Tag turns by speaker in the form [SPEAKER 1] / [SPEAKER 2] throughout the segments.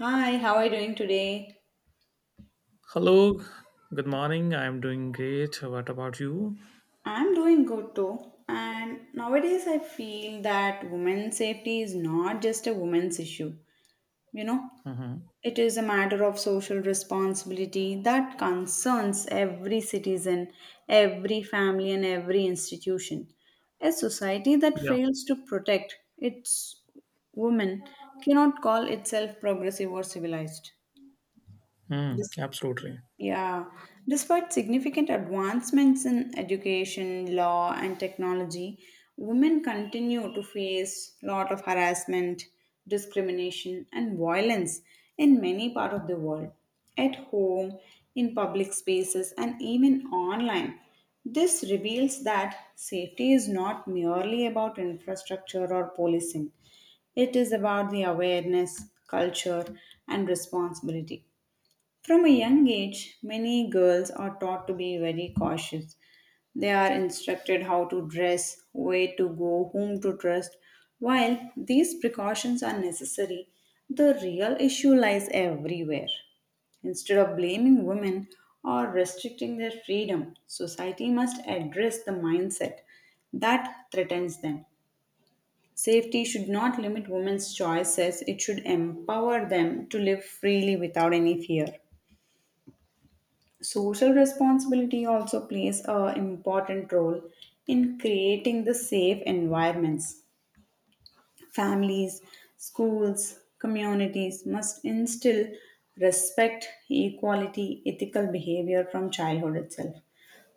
[SPEAKER 1] Hi, how are you doing today?
[SPEAKER 2] Hello, good morning. I'm doing great. What about you?
[SPEAKER 1] I'm doing good too. And nowadays, I feel that women's safety is not just a women's issue. You know,
[SPEAKER 2] Hmm.
[SPEAKER 1] it is a matter of social responsibility that concerns every citizen, every family, and every institution. A society that
[SPEAKER 2] Yeah,
[SPEAKER 1] fails to protect its women cannot call itself progressive or civilized.
[SPEAKER 2] mm,
[SPEAKER 1] This
[SPEAKER 2] absolutely.
[SPEAKER 1] Yeah, Despite significant advancements in education, law, and technology, women continue to face a lot of harassment, discrimination, and violence in many parts of the world, at home, in public spaces, and even online. This reveals that safety is not merely about infrastructure or policing, it is about the awareness, culture, and responsibility. From a young age, many girls are taught to be very cautious. They are instructed how to dress, where to go, whom to trust. While these precautions are necessary, the real issue lies everywhere. Instead of blaming women or restricting their freedom, society must address the mindset that threatens them. Safety should not limit women's choices, it should empower them to live freely without any fear. Social responsibility also plays an important role in creating the safe environments. Families, schools, communities must instill respect, equality, ethical behavior from childhood itself.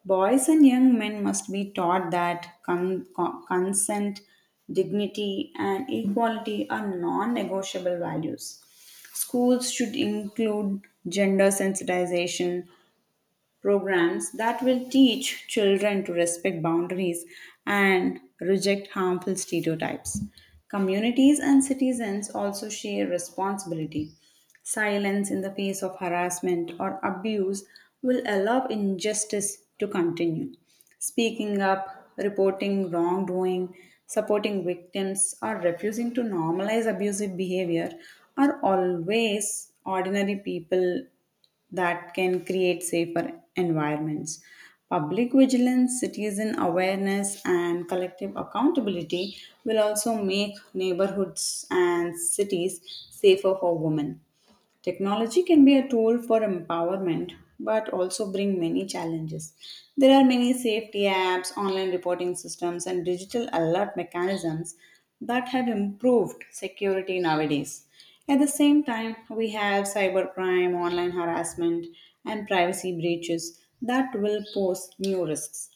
[SPEAKER 1] Boys and young men must be taught that consent, dignity, and equality are non negotiable values. Schools should include gender sensitization, programs that will teach children to respect boundaries and reject harmful stereotypes. Communities and citizens also share responsibility. Silence in the face of harassment or abuse will allow injustice to continue. Speaking up, reporting wrongdoing, supporting victims, or refusing to normalize abusive behavior are always ordinary people that can create safer environments. Public vigilance, citizen awareness, and collective accountability will also make neighborhoods and cities safer for women. Technology can be a tool for empowerment, but also bring many challenges. There are many safety apps, online reporting systems, and digital alert mechanisms that have improved security nowadays. At the same time, we have cybercrime, online harassment, and privacy breaches that will pose new risks.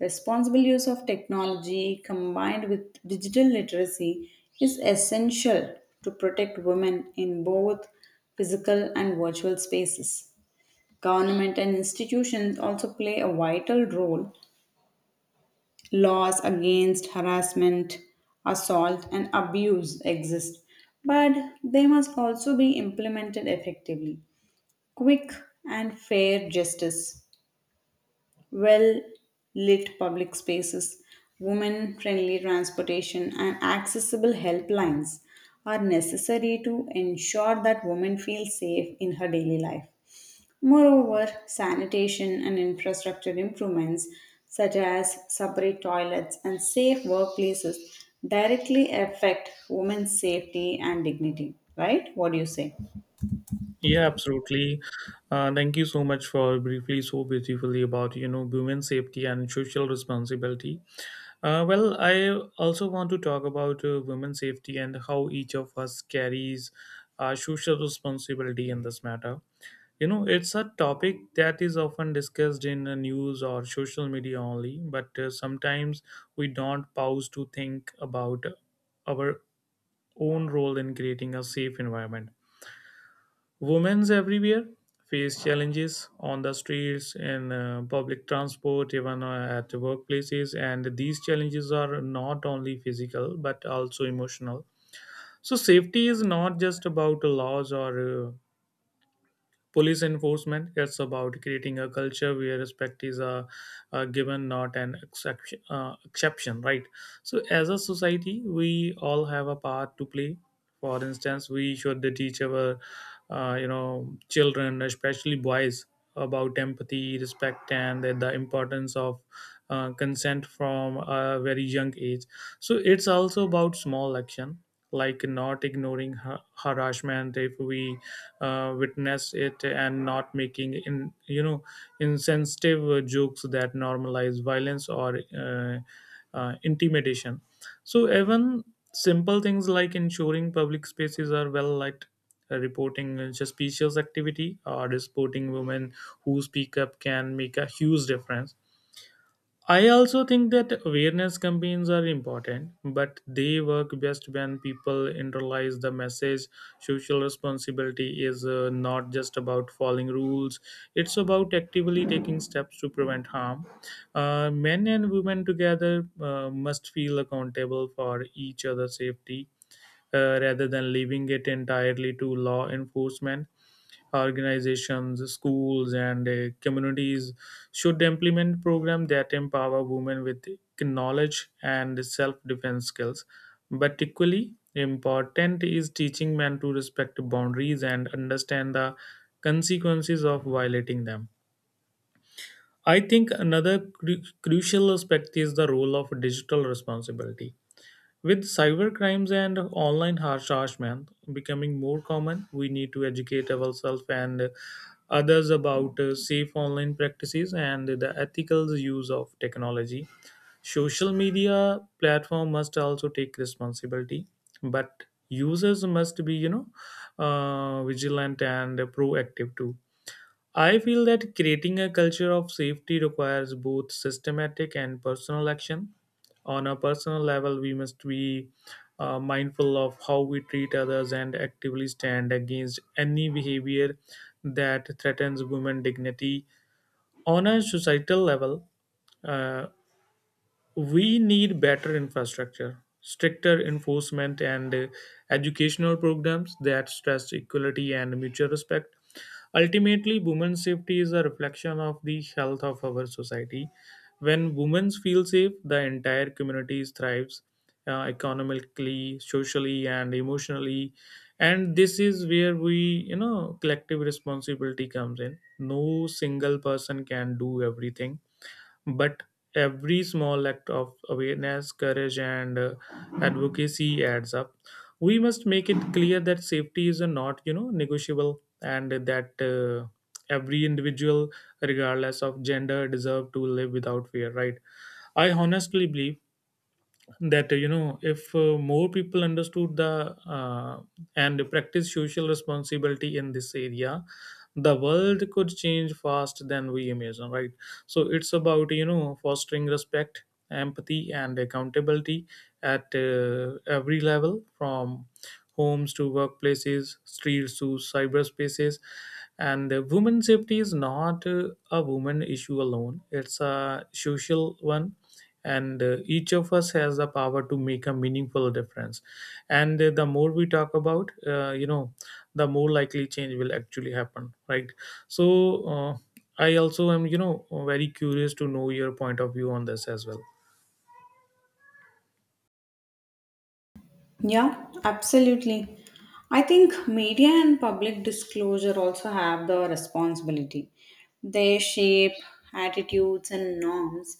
[SPEAKER 1] Responsible use of technology combined with digital literacy is essential to protect women in both physical and virtual spaces. Government and institutions also play a vital role. Laws against harassment, assault, and abuse exist, but they must also be implemented effectively. Quick and fair justice, well lit public spaces, women friendly transportation, and accessible helplines are necessary to ensure that women feel safe in her daily life. Moreover, sanitation and infrastructure improvements, such as separate toilets and safe workplaces, directly affect women's safety and dignity. Right? What do you say?
[SPEAKER 2] Yeah, absolutely. Thank you so much for briefly so beautifully about women safety and social responsibility. Well, I also want to talk about women safety and how each of us carries social responsibility in this matter. You know, it's a topic that is often discussed in the news or social media only, but sometimes we don't pause to think about our own role in creating a safe environment. Women everywhere face challenges on the streets, in public transport, even at workplaces, and these challenges are not only physical but also emotional. So, safety is not just about laws or police enforcement. It's about creating a culture where respect is a given, not an exception, right? So, as a society, we all have a part to play. For instance, we should teach our children, especially boys, about empathy, respect, and the importance of consent from a very young age. So, it's also about small action like not ignoring harassment if we witness it, and not making in you know insensitive jokes that normalize violence or intimidation. So even simple things like ensuring public spaces are well lit, reporting suspicious activity, or supporting women who speak up can make a huge difference. I also think that awareness campaigns are important, but they work best when people internalize the message. Social responsibility is not just about following rules, it's about actively taking steps to prevent harm. Men and women together must feel accountable for each other's safety, rather than leaving it entirely to law enforcement. Organizations, schools, and communities should implement programs that empower women with knowledge and self-defense skills. But equally important is teaching men to respect boundaries and understand the consequences of violating them. I think another crucial aspect is the role of digital responsibility. With cybercrimes and online harassment becoming more common, we need to educate ourselves and others about safe online practices and the ethical use of technology. Social media platform must also take responsibility, but users must be vigilant and proactive too. I feel that creating a culture of safety requires both systematic and personal action. On a personal level, we must be mindful of how we treat others and actively stand against any behavior that threatens women's dignity. On a societal level, uh, we need better infrastructure, stricter enforcement, and educational programs that stress equality and mutual respect. Ultimately, women's safety is a reflection of the health of our society. When women feel safe, the entire community thrives, economically, socially, and emotionally. And this is where collective responsibility comes in. No single person can do everything, but every small act of awareness, courage, and advocacy adds up. We must make it clear that safety is a not, negotiable, and that every individual, regardless of gender, deserve to live without fear. Right? I honestly believe that, if more people understood the and practice social responsibility in this area, the world could change fast than we imagine, right? So it's about, fostering respect, empathy, and accountability at every level, from homes to workplaces, streets to cyberspaces. And women safety is not a woman issue alone, it's a social one. And each of us has the power to make a meaningful difference. And the more we talk about the more likely change will actually happen, right? So I also am, very curious to know your point of view on this as well.
[SPEAKER 1] Yeah, absolutely. I think media and public disclosure also have the responsibility. They shape attitudes and norms.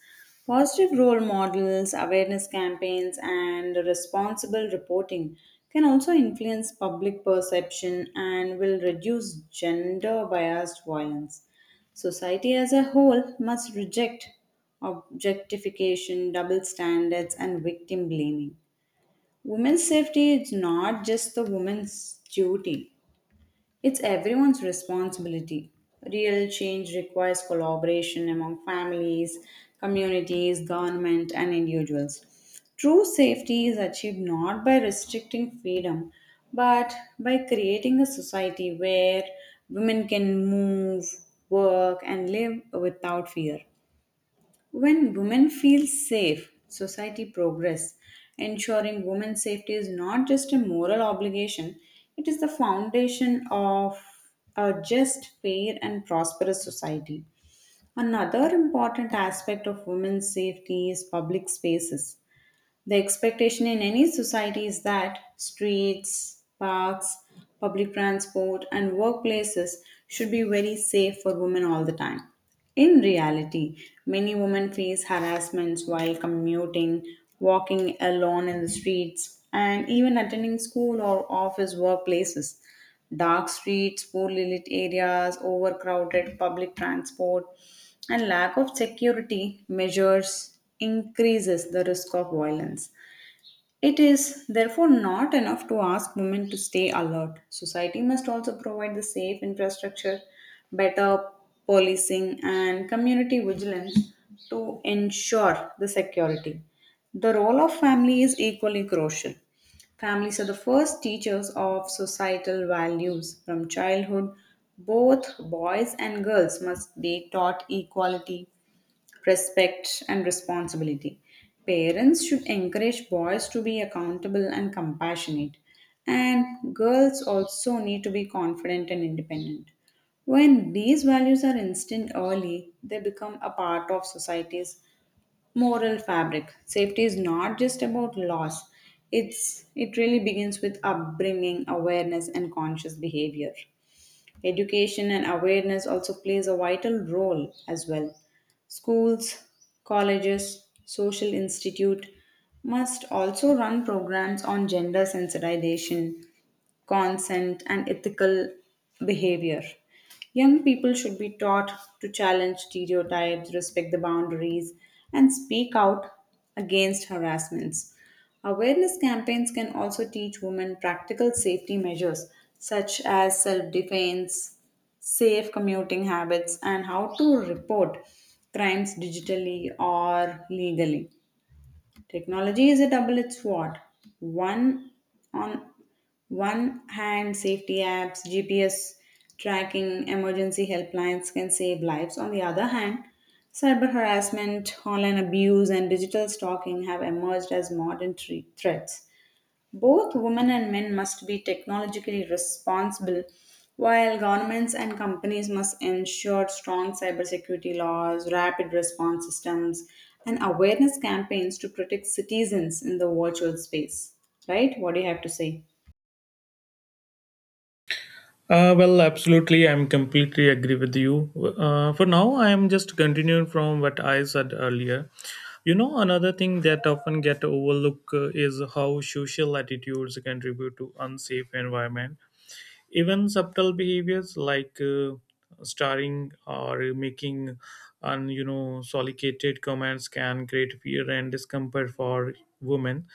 [SPEAKER 1] Positive role models, awareness campaigns, and responsible reporting can also influence public perception and will reduce gender biased violence. Society as a whole must reject objectification, double standards, and victim blaming. Women's safety is not just the woman's duty, it's everyone's responsibility. Real change requires collaboration among families, communities, government, and individuals. True safety is achieved not by restricting freedom, but by creating a society where women can move, work, and live without fear. When women feel safe, society progress. Ensuring women's safety is not just a moral obligation, it is the foundation of a just, fair, and prosperous society. Another important aspect of women's safety is public spaces. The expectation in any society is that streets, parks, public transport, and workplaces should be very safe for women all the time. In reality, many women face harassments while commuting, walking alone in the streets, and even attending school or office workplaces. Dark streets, poorly lit areas, overcrowded public transport, and lack of security measures increases the risk of violence. It is therefore not enough to ask women to stay alert. Society must also provide the safe infrastructure, better policing, and community vigilance to ensure the security. The role of family is equally crucial. Families are the first teachers of societal values. From childhood, both boys and girls must be taught equality, respect and responsibility. Parents should encourage boys to be accountable and compassionate, and girls also need to be confident and independent. When these values are instilled early, they become a part of society's moral fabric. Safety is not just about laws. It really begins with upbringing, awareness and conscious behavior. Education and awareness also plays a vital role as well. Schools, colleges, social institute must also run programs on gender sensitization consent, and ethical behavior. Young people should be taught to challenge stereotypes, respect the boundaries, and speak out against harassments. Awareness campaigns can also teach women practical safety measures such as self defense, safe commuting habits, and how to report crimes digitally or legally. Technology is a double-edged sword. One on one hand, safety apps, GPS tracking, emergency helplines can save lives. On the other hand, cyber harassment, online abuse, and digital stalking have emerged as modern threats. Both women and men must be technologically responsible, while governments and companies must ensure strong cybersecurity laws, rapid response systems, and awareness campaigns to protect citizens in the virtual space. Right? What do you have to say?
[SPEAKER 2] Uh, well, absolutely. I'm completely agree with you. For now, I am just continuing from what I said earlier. You know, another thing that often get overlooked is how social attitudes contribute to unsafe environment. Even subtle behaviors like starring or making un solicited comments can create fear and discomfort for women.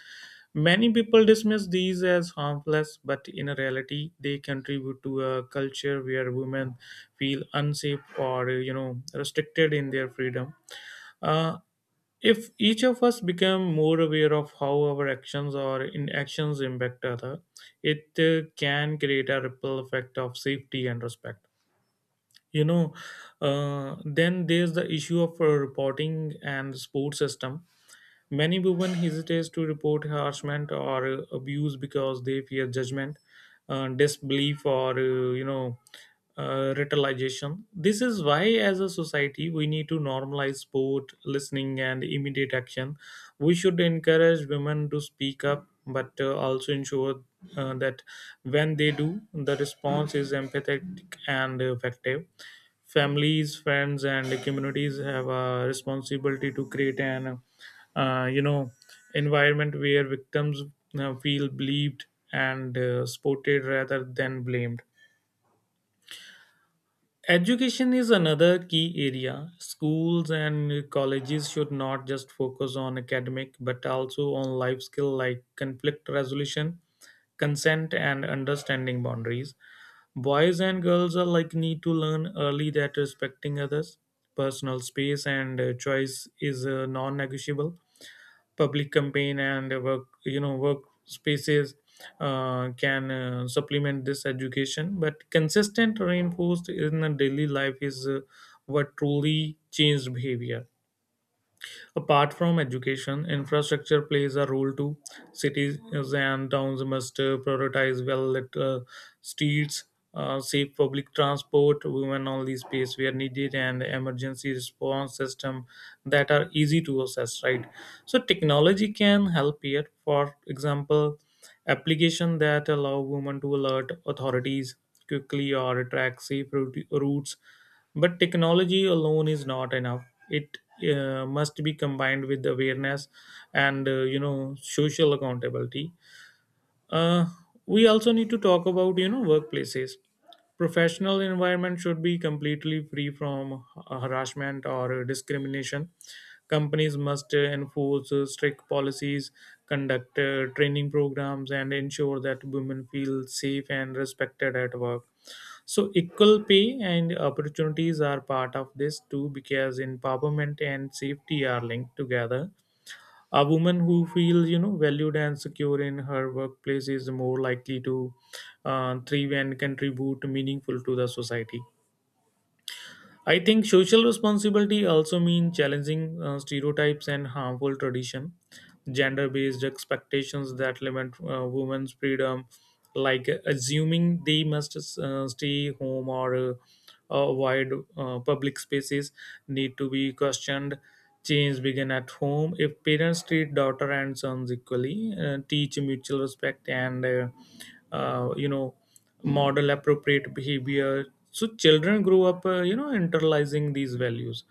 [SPEAKER 2] Many people dismiss these as harmless, but in reality, they contribute to a culture where women feel unsafe or, restricted in their freedom. uh, if each of us become more aware of how our actions or inactions impact other, it can create a ripple effect of safety and respect. You know, then there's the issue of reporting and support system. Many women hesitate to report harassment or abuse because they fear judgment, disbelief, or retaliation. This is why, as a society, we need to normalize sport, listening, and immediate action. We should encourage women to speak up, but also ensure that when they do, the response is empathetic and effective. Families, friends, and communities have a responsibility to create an uh, you know environment where victims feel believed and supported rather than blamed. Education is another key area. Schools and colleges should not just focus on academic but also on life skill, like conflict resolution, consent, and understanding boundaries. Boys and girls alike need to learn early that respecting others' personal space and choice is non-negotiable. Public campaign and work you know work spaces can supplement this education, but consistent reinforced in the daily life is what truly changed behavior. Apart from education, infrastructure plays a role too. Cities and towns must prioritize well lit streets, safe public transport, women only space where needed, and emergency response system that are easy to access. Right. So technology can help here. For example, application that allow women to alert authorities quickly or track routes. But technology alone is not enough. It must be combined with awareness and, social accountability. Uh, we also need to talk about, workplaces. Professional environment should be completely free from harassment or discrimination. Companies must enforce strict policies, conduct training programs, and ensure that women feel safe and respected at work. So equal pay and opportunities are part of this too, because empowerment and safety are linked together. A woman who feels, valued and secure in her workplace is more likely to thrive and contribute meaningful to the society. I think social responsibility also means challenging stereotypes and harmful tradition, gender-based expectations that limit women's freedom, like assuming they must stay home or avoid public spaces, need to be questioned. Change begin at home. If parents treat daughter and sons equally, teach mutual respect and uh, you know model appropriate behavior, so children grow up, internalizing these values.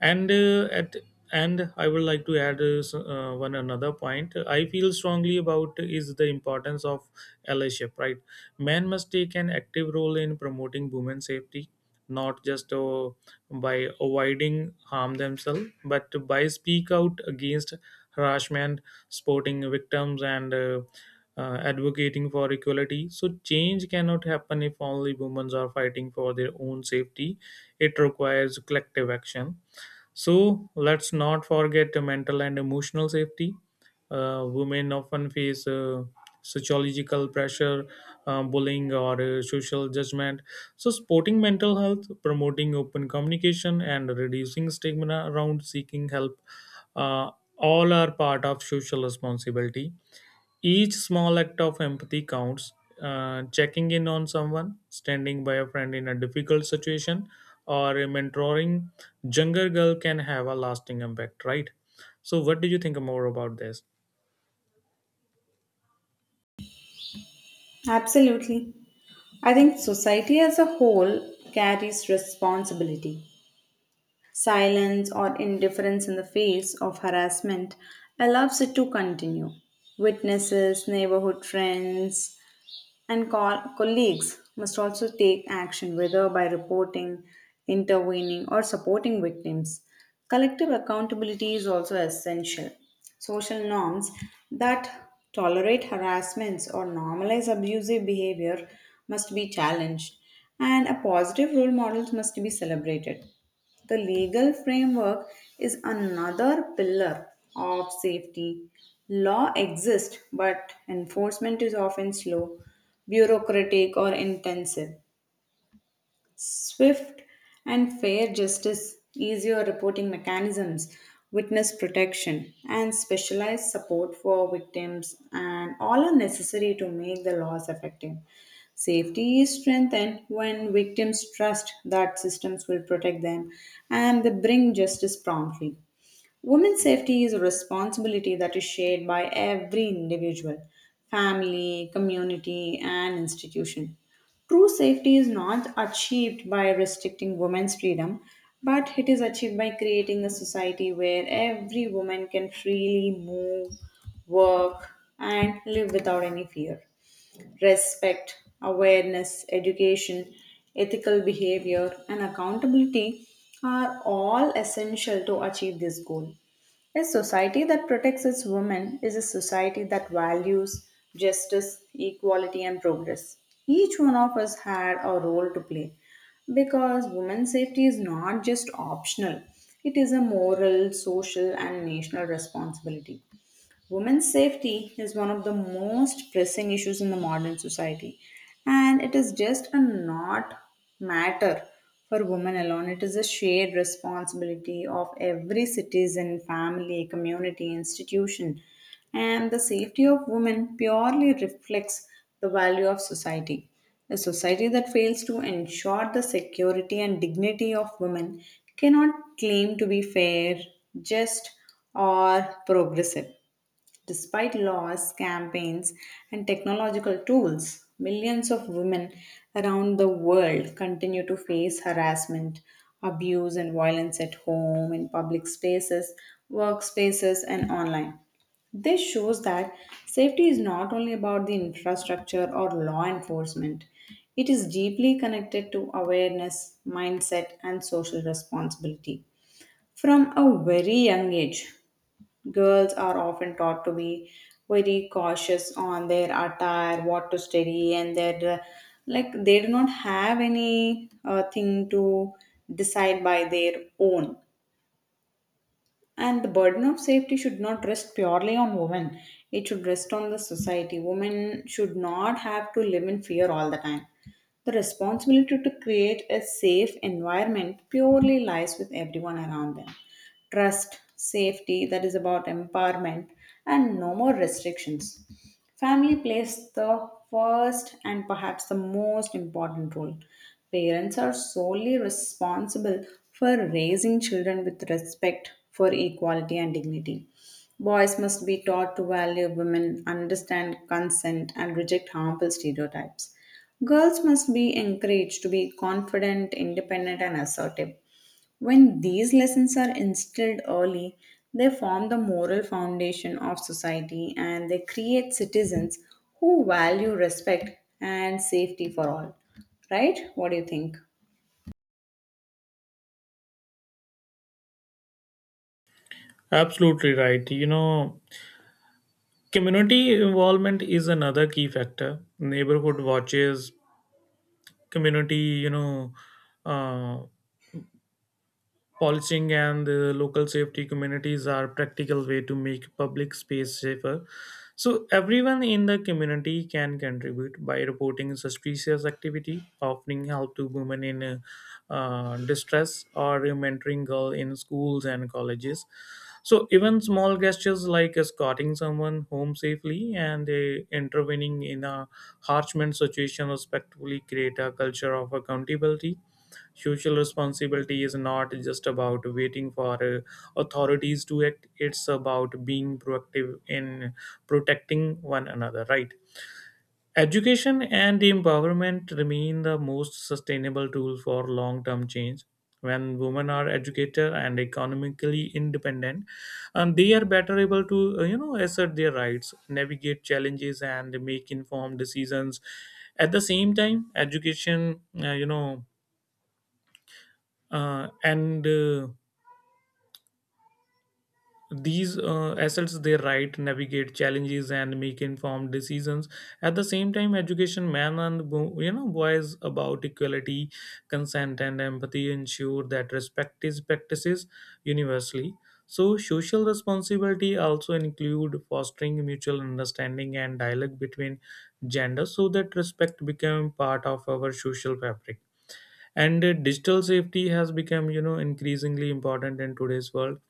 [SPEAKER 2] And uh, at and I would like to add, one another point I feel strongly about is the importance of allyship, right? Men must take an active role in promoting women's safety, not just by avoiding harm themselves, but by speak out against harassment, supporting victims, and advocating for equality. So change cannot happen if only women are fighting for their own safety, it requires collective action. So let's not forget the mental and emotional safety. Women often face sociological pressure, bullying, or social judgment. So, supporting mental health, promoting open communication, and reducing stigma around seeking help, uh, all are part of social responsibility. Each small act of empathy counts. Checking in on someone, standing by a friend in a difficult situation, or mentoring younger girl can have a lasting impact, right? So, what do you think more about this?
[SPEAKER 1] Absolutely. I think society as a whole carries responsibility. Silence or indifference in the face of harassment allows it to continue. Witnesses, neighborhood friends, and colleagues must also take action, whether by reporting, intervening, or supporting victims. Collective accountability is also essential. Social norms that tolerate harassments or normalize abusive behavior must be challenged, and a positive role models must be celebrated. The legal framework is another pillar of safety. Law exists, but enforcement is often slow, bureaucratic, or intensive. Swift and fair justice, easier reporting mechanisms, witness protection, and specialized support for victims, and all are necessary to make the laws effective. Safety is strengthened when victims trust that systems will protect them and they bring justice promptly. Women's safety is a responsibility that is shared by every individual, family, community, and institution. True safety is not achieved by restricting women's freedom, but it is achieved by creating a society where every woman can freely move, work, and live without any fear respect, awareness, education, ethical behavior, and accountability are all essential to achieve this goal. A society that protects its women is a society that values justice, equality, and progress. Each one of us had a role to play because women's safety is not just optional, it is a moral, social, and national responsibility. Women's safety is one of the most pressing issues in the modern society, and it is just a not matter for women alone. It is a shared responsibility of every citizen, family, community, institution, and the safety of women purely reflects the value of society. A society that fails to ensure the security and dignity of women cannot claim to be fair, just, or progressive. Despite laws, campaigns, and technological tools, millions of women around the world continue to face harassment, abuse, and violence at home, in public spaces, workspaces, and online. This shows that safety is not only about the infrastructure or law enforcement, it is deeply connected to awareness, mindset, and social responsibility. From a very young age, girls are often taught to be very cautious on their attire, what to study, and their like they do not have any thing to decide by their own. And the burden of safety should not rest purely on women. It should rest on the society. Women should not have to live in fear all the time. The responsibility to create a safe environment purely lies with everyone around them. Trust, safety, that is about empowerment, and no more restrictions. Family plays the first and perhaps the most important role. Parents are solely responsible for raising children with respect for equality and dignity. Boys must be taught to value women, understand consent, and reject harmful stereotypes. Girls must be encouraged to be confident, independent, and assertive. When these lessons are instilled early, they form the moral foundation of society and they create citizens who value respect and safety for all. Right? What do you think?
[SPEAKER 2] Absolutely right. You know, community involvement is another key factor. Neighborhood watches, community, you know, uh, policing and the local safety communities are practical way to make public space safer. So everyone in the community can contribute by reporting suspicious activity, offering help to women in distress, or mentoring girls in schools and colleges. So even small gestures like escorting someone home safely and intervening in a harassment situation respectfully create a culture of accountability. Social responsibility is not just about waiting for authorities to act, it's about being proactive in protecting one another, right? Education and empowerment remain the most sustainable tool for long term change. When women are educated and economically independent, and they are better able to, assert their rights, navigate challenges, and make informed decisions. At the same time, education, you know, and these assets they write navigate challenges and make informed decisions. At the same time, education men and boys about equality, consent, and empathy ensure that respect is practices universally. So social responsibility also include fostering mutual understanding and dialogue between genders, so that respect become part of our social fabric. And digital safety has become, increasingly important in today's world.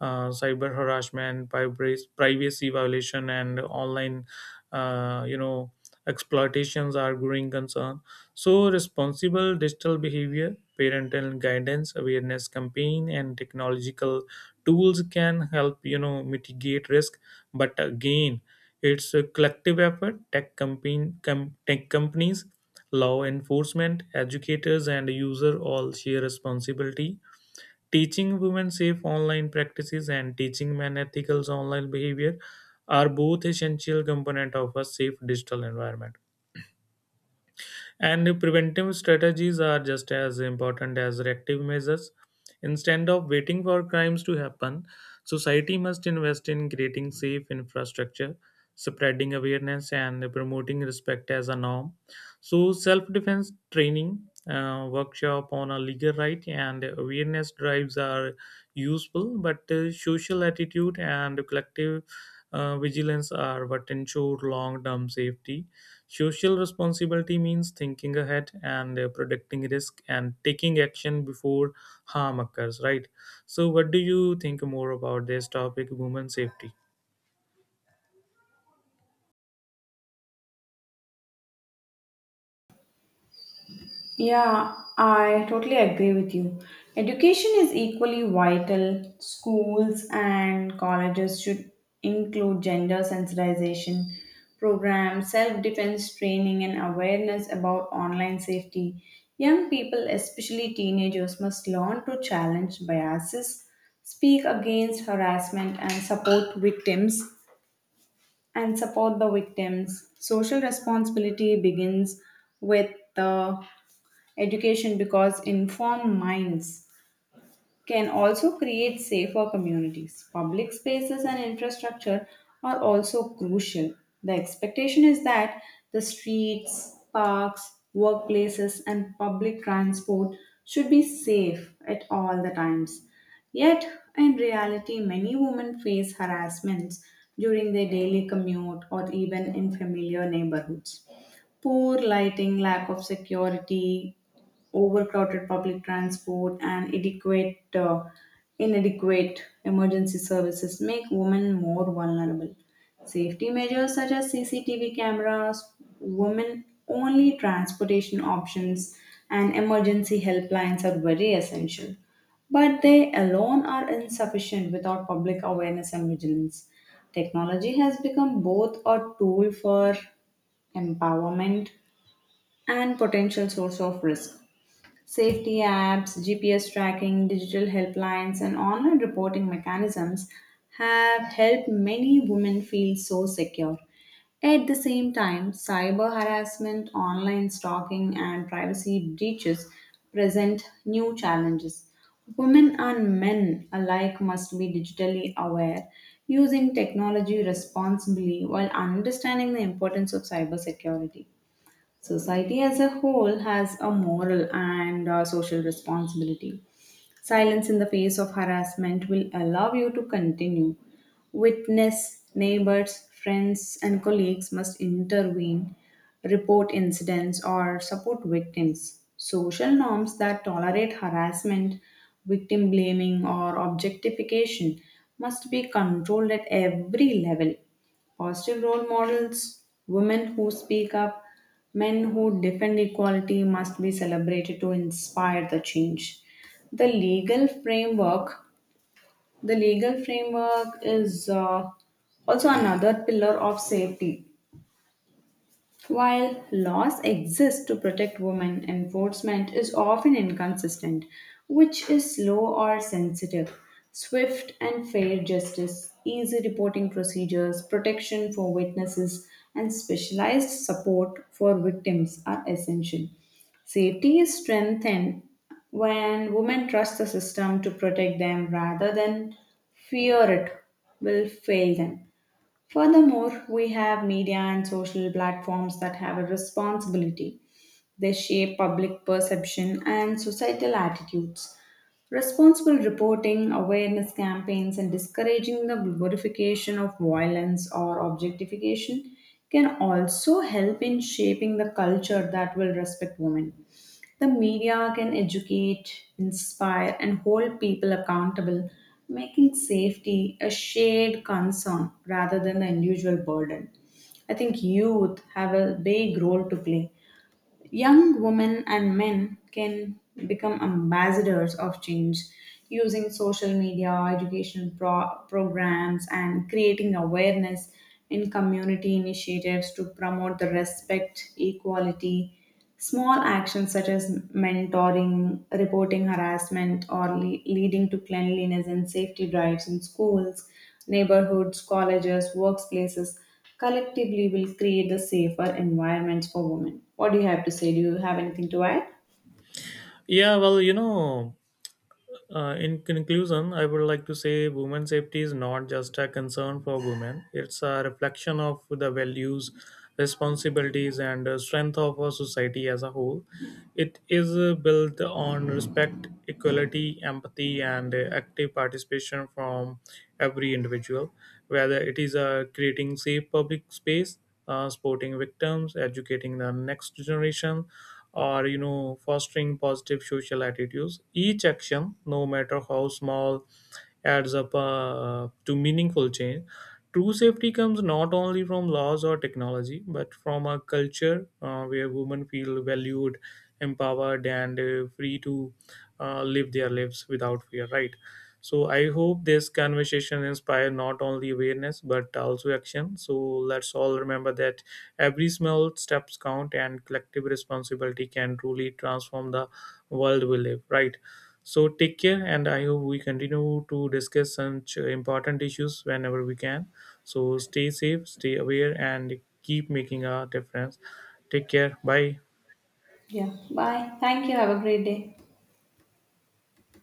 [SPEAKER 2] Cyber harassment, privacy violation, and online, uh, you know exploitations are growing concern. So responsible digital behavior, parental guidance, awareness campaign, and technological tools can help, mitigate risk. But again, it's a collective effort. Tech companies, law enforcement, educators, and user all share responsibility. Teaching women safe online practices and teaching men ethical online behavior are both essential component of a safe digital environment. And preventive strategies are just as important as reactive measures. Instead of waiting for crimes to happen, society must invest in creating safe infrastructure, spreading awareness, and promoting respect as a norm. So, self defense training, workshop on a legal right, and awareness drives are useful, but social attitude and collective vigilance are what ensure long term safety. Social responsibility means thinking ahead and predicting risk and taking action before harm occurs, right? So, what do you think more about this topic, women safety?
[SPEAKER 1] Yeah, I totally agree with you. Education is equally vital. Schools and colleges should include gender sensitization programs, self defense training, and awareness about online safety. Young people, especially teenagers, must learn to challenge biases, speak against harassment, and support the victims. Social responsibility begins with the education, because informed minds can also create safer communities. Public spaces and infrastructure are also crucial. The expectation is that the streets, parks, workplaces, and public transport should be safe at all the times. Yet, in reality, many women face harassments during their daily commute or even in familiar neighborhoods poor lighting, lack of security, overcrowded public transport, and inadequate emergency services make women more vulnerable. Safety measures such as CCTV cameras, women only transportation options, and emergency helplines are very essential. But they alone are insufficient without public awareness and vigilance. Technology has become both a tool for empowerment and potential source of risk. Safety apps, GPS tracking, digital helplines, and online reporting mechanisms have helped many women feel so secure. At the same time, cyber harassment, online stalking, and privacy breaches present new challenges. Women and men alike must be digitally aware, using technology responsibly while understanding the importance of cybersecurity. Society as a whole has a moral and social responsibility. Silence in the face of harassment will allow you to continue. Witness, neighbors, friends, and colleagues must intervene, report incidents, or support victims. Social norms that tolerate harassment, victim blaming, or objectification must be controlled at every level positive role models, women who speak up, men who defend equality must be celebrated to inspire the change the legal framework the legal framework is uh, also another pillar of safety while laws exist to protect women, enforcement is often inconsistent, which is slow or sensitive. Swift and fair justice, easy reporting procedures, protection for witnesses, and specialized support for victims are essential. Safety is strengthened when women trust the system to protect them rather than fear it will fail them. Furthermore, we have media and social platforms that have a responsibility. They shape public perception and societal attitudes. Responsible reporting, awareness campaigns, and discouraging the glorification of violence or objectification can also help in shaping the culture that will respect women. The media can educate, inspire, and hold people accountable, making safety a shared concern rather than the individual burden. I think youth have a big role to play. Young women and men can become ambassadors of change using social media, education programs, and creating awareness in community initiatives to promote the respect, equality. Small actions such as mentoring, reporting harassment, or leading to cleanliness and safety drives in schools, neighborhoods, colleges, workplaces collectively will create the safer environments for women. What do you have to say? Do you have anything to add?
[SPEAKER 2] Yeah, well, in conclusion, I would like to say women safety is not just a concern for women, it's a reflection of the values, responsibilities, and strength of our society as a whole. It is built on respect, equality, empathy, and active participation from every individual, whether it is creating safe public space, supporting victims, educating the next generation, or, fostering positive social attitudes. Each action, no matter how small, adds up to meaningful change. True safety comes not only from laws or technology but from a culture where women feel valued, empowered, and free to live their lives without fear, right? So I hope this conversation inspire not only awareness but also action. So let's all remember that every small steps count and collective responsibility can truly transform the world we live, right? So take care, and I hope we continue to discuss such important issues whenever we can. So stay safe, stay aware, and keep making a difference. Take care. Bye.
[SPEAKER 1] Yeah. Bye. Thank you. Have a great day.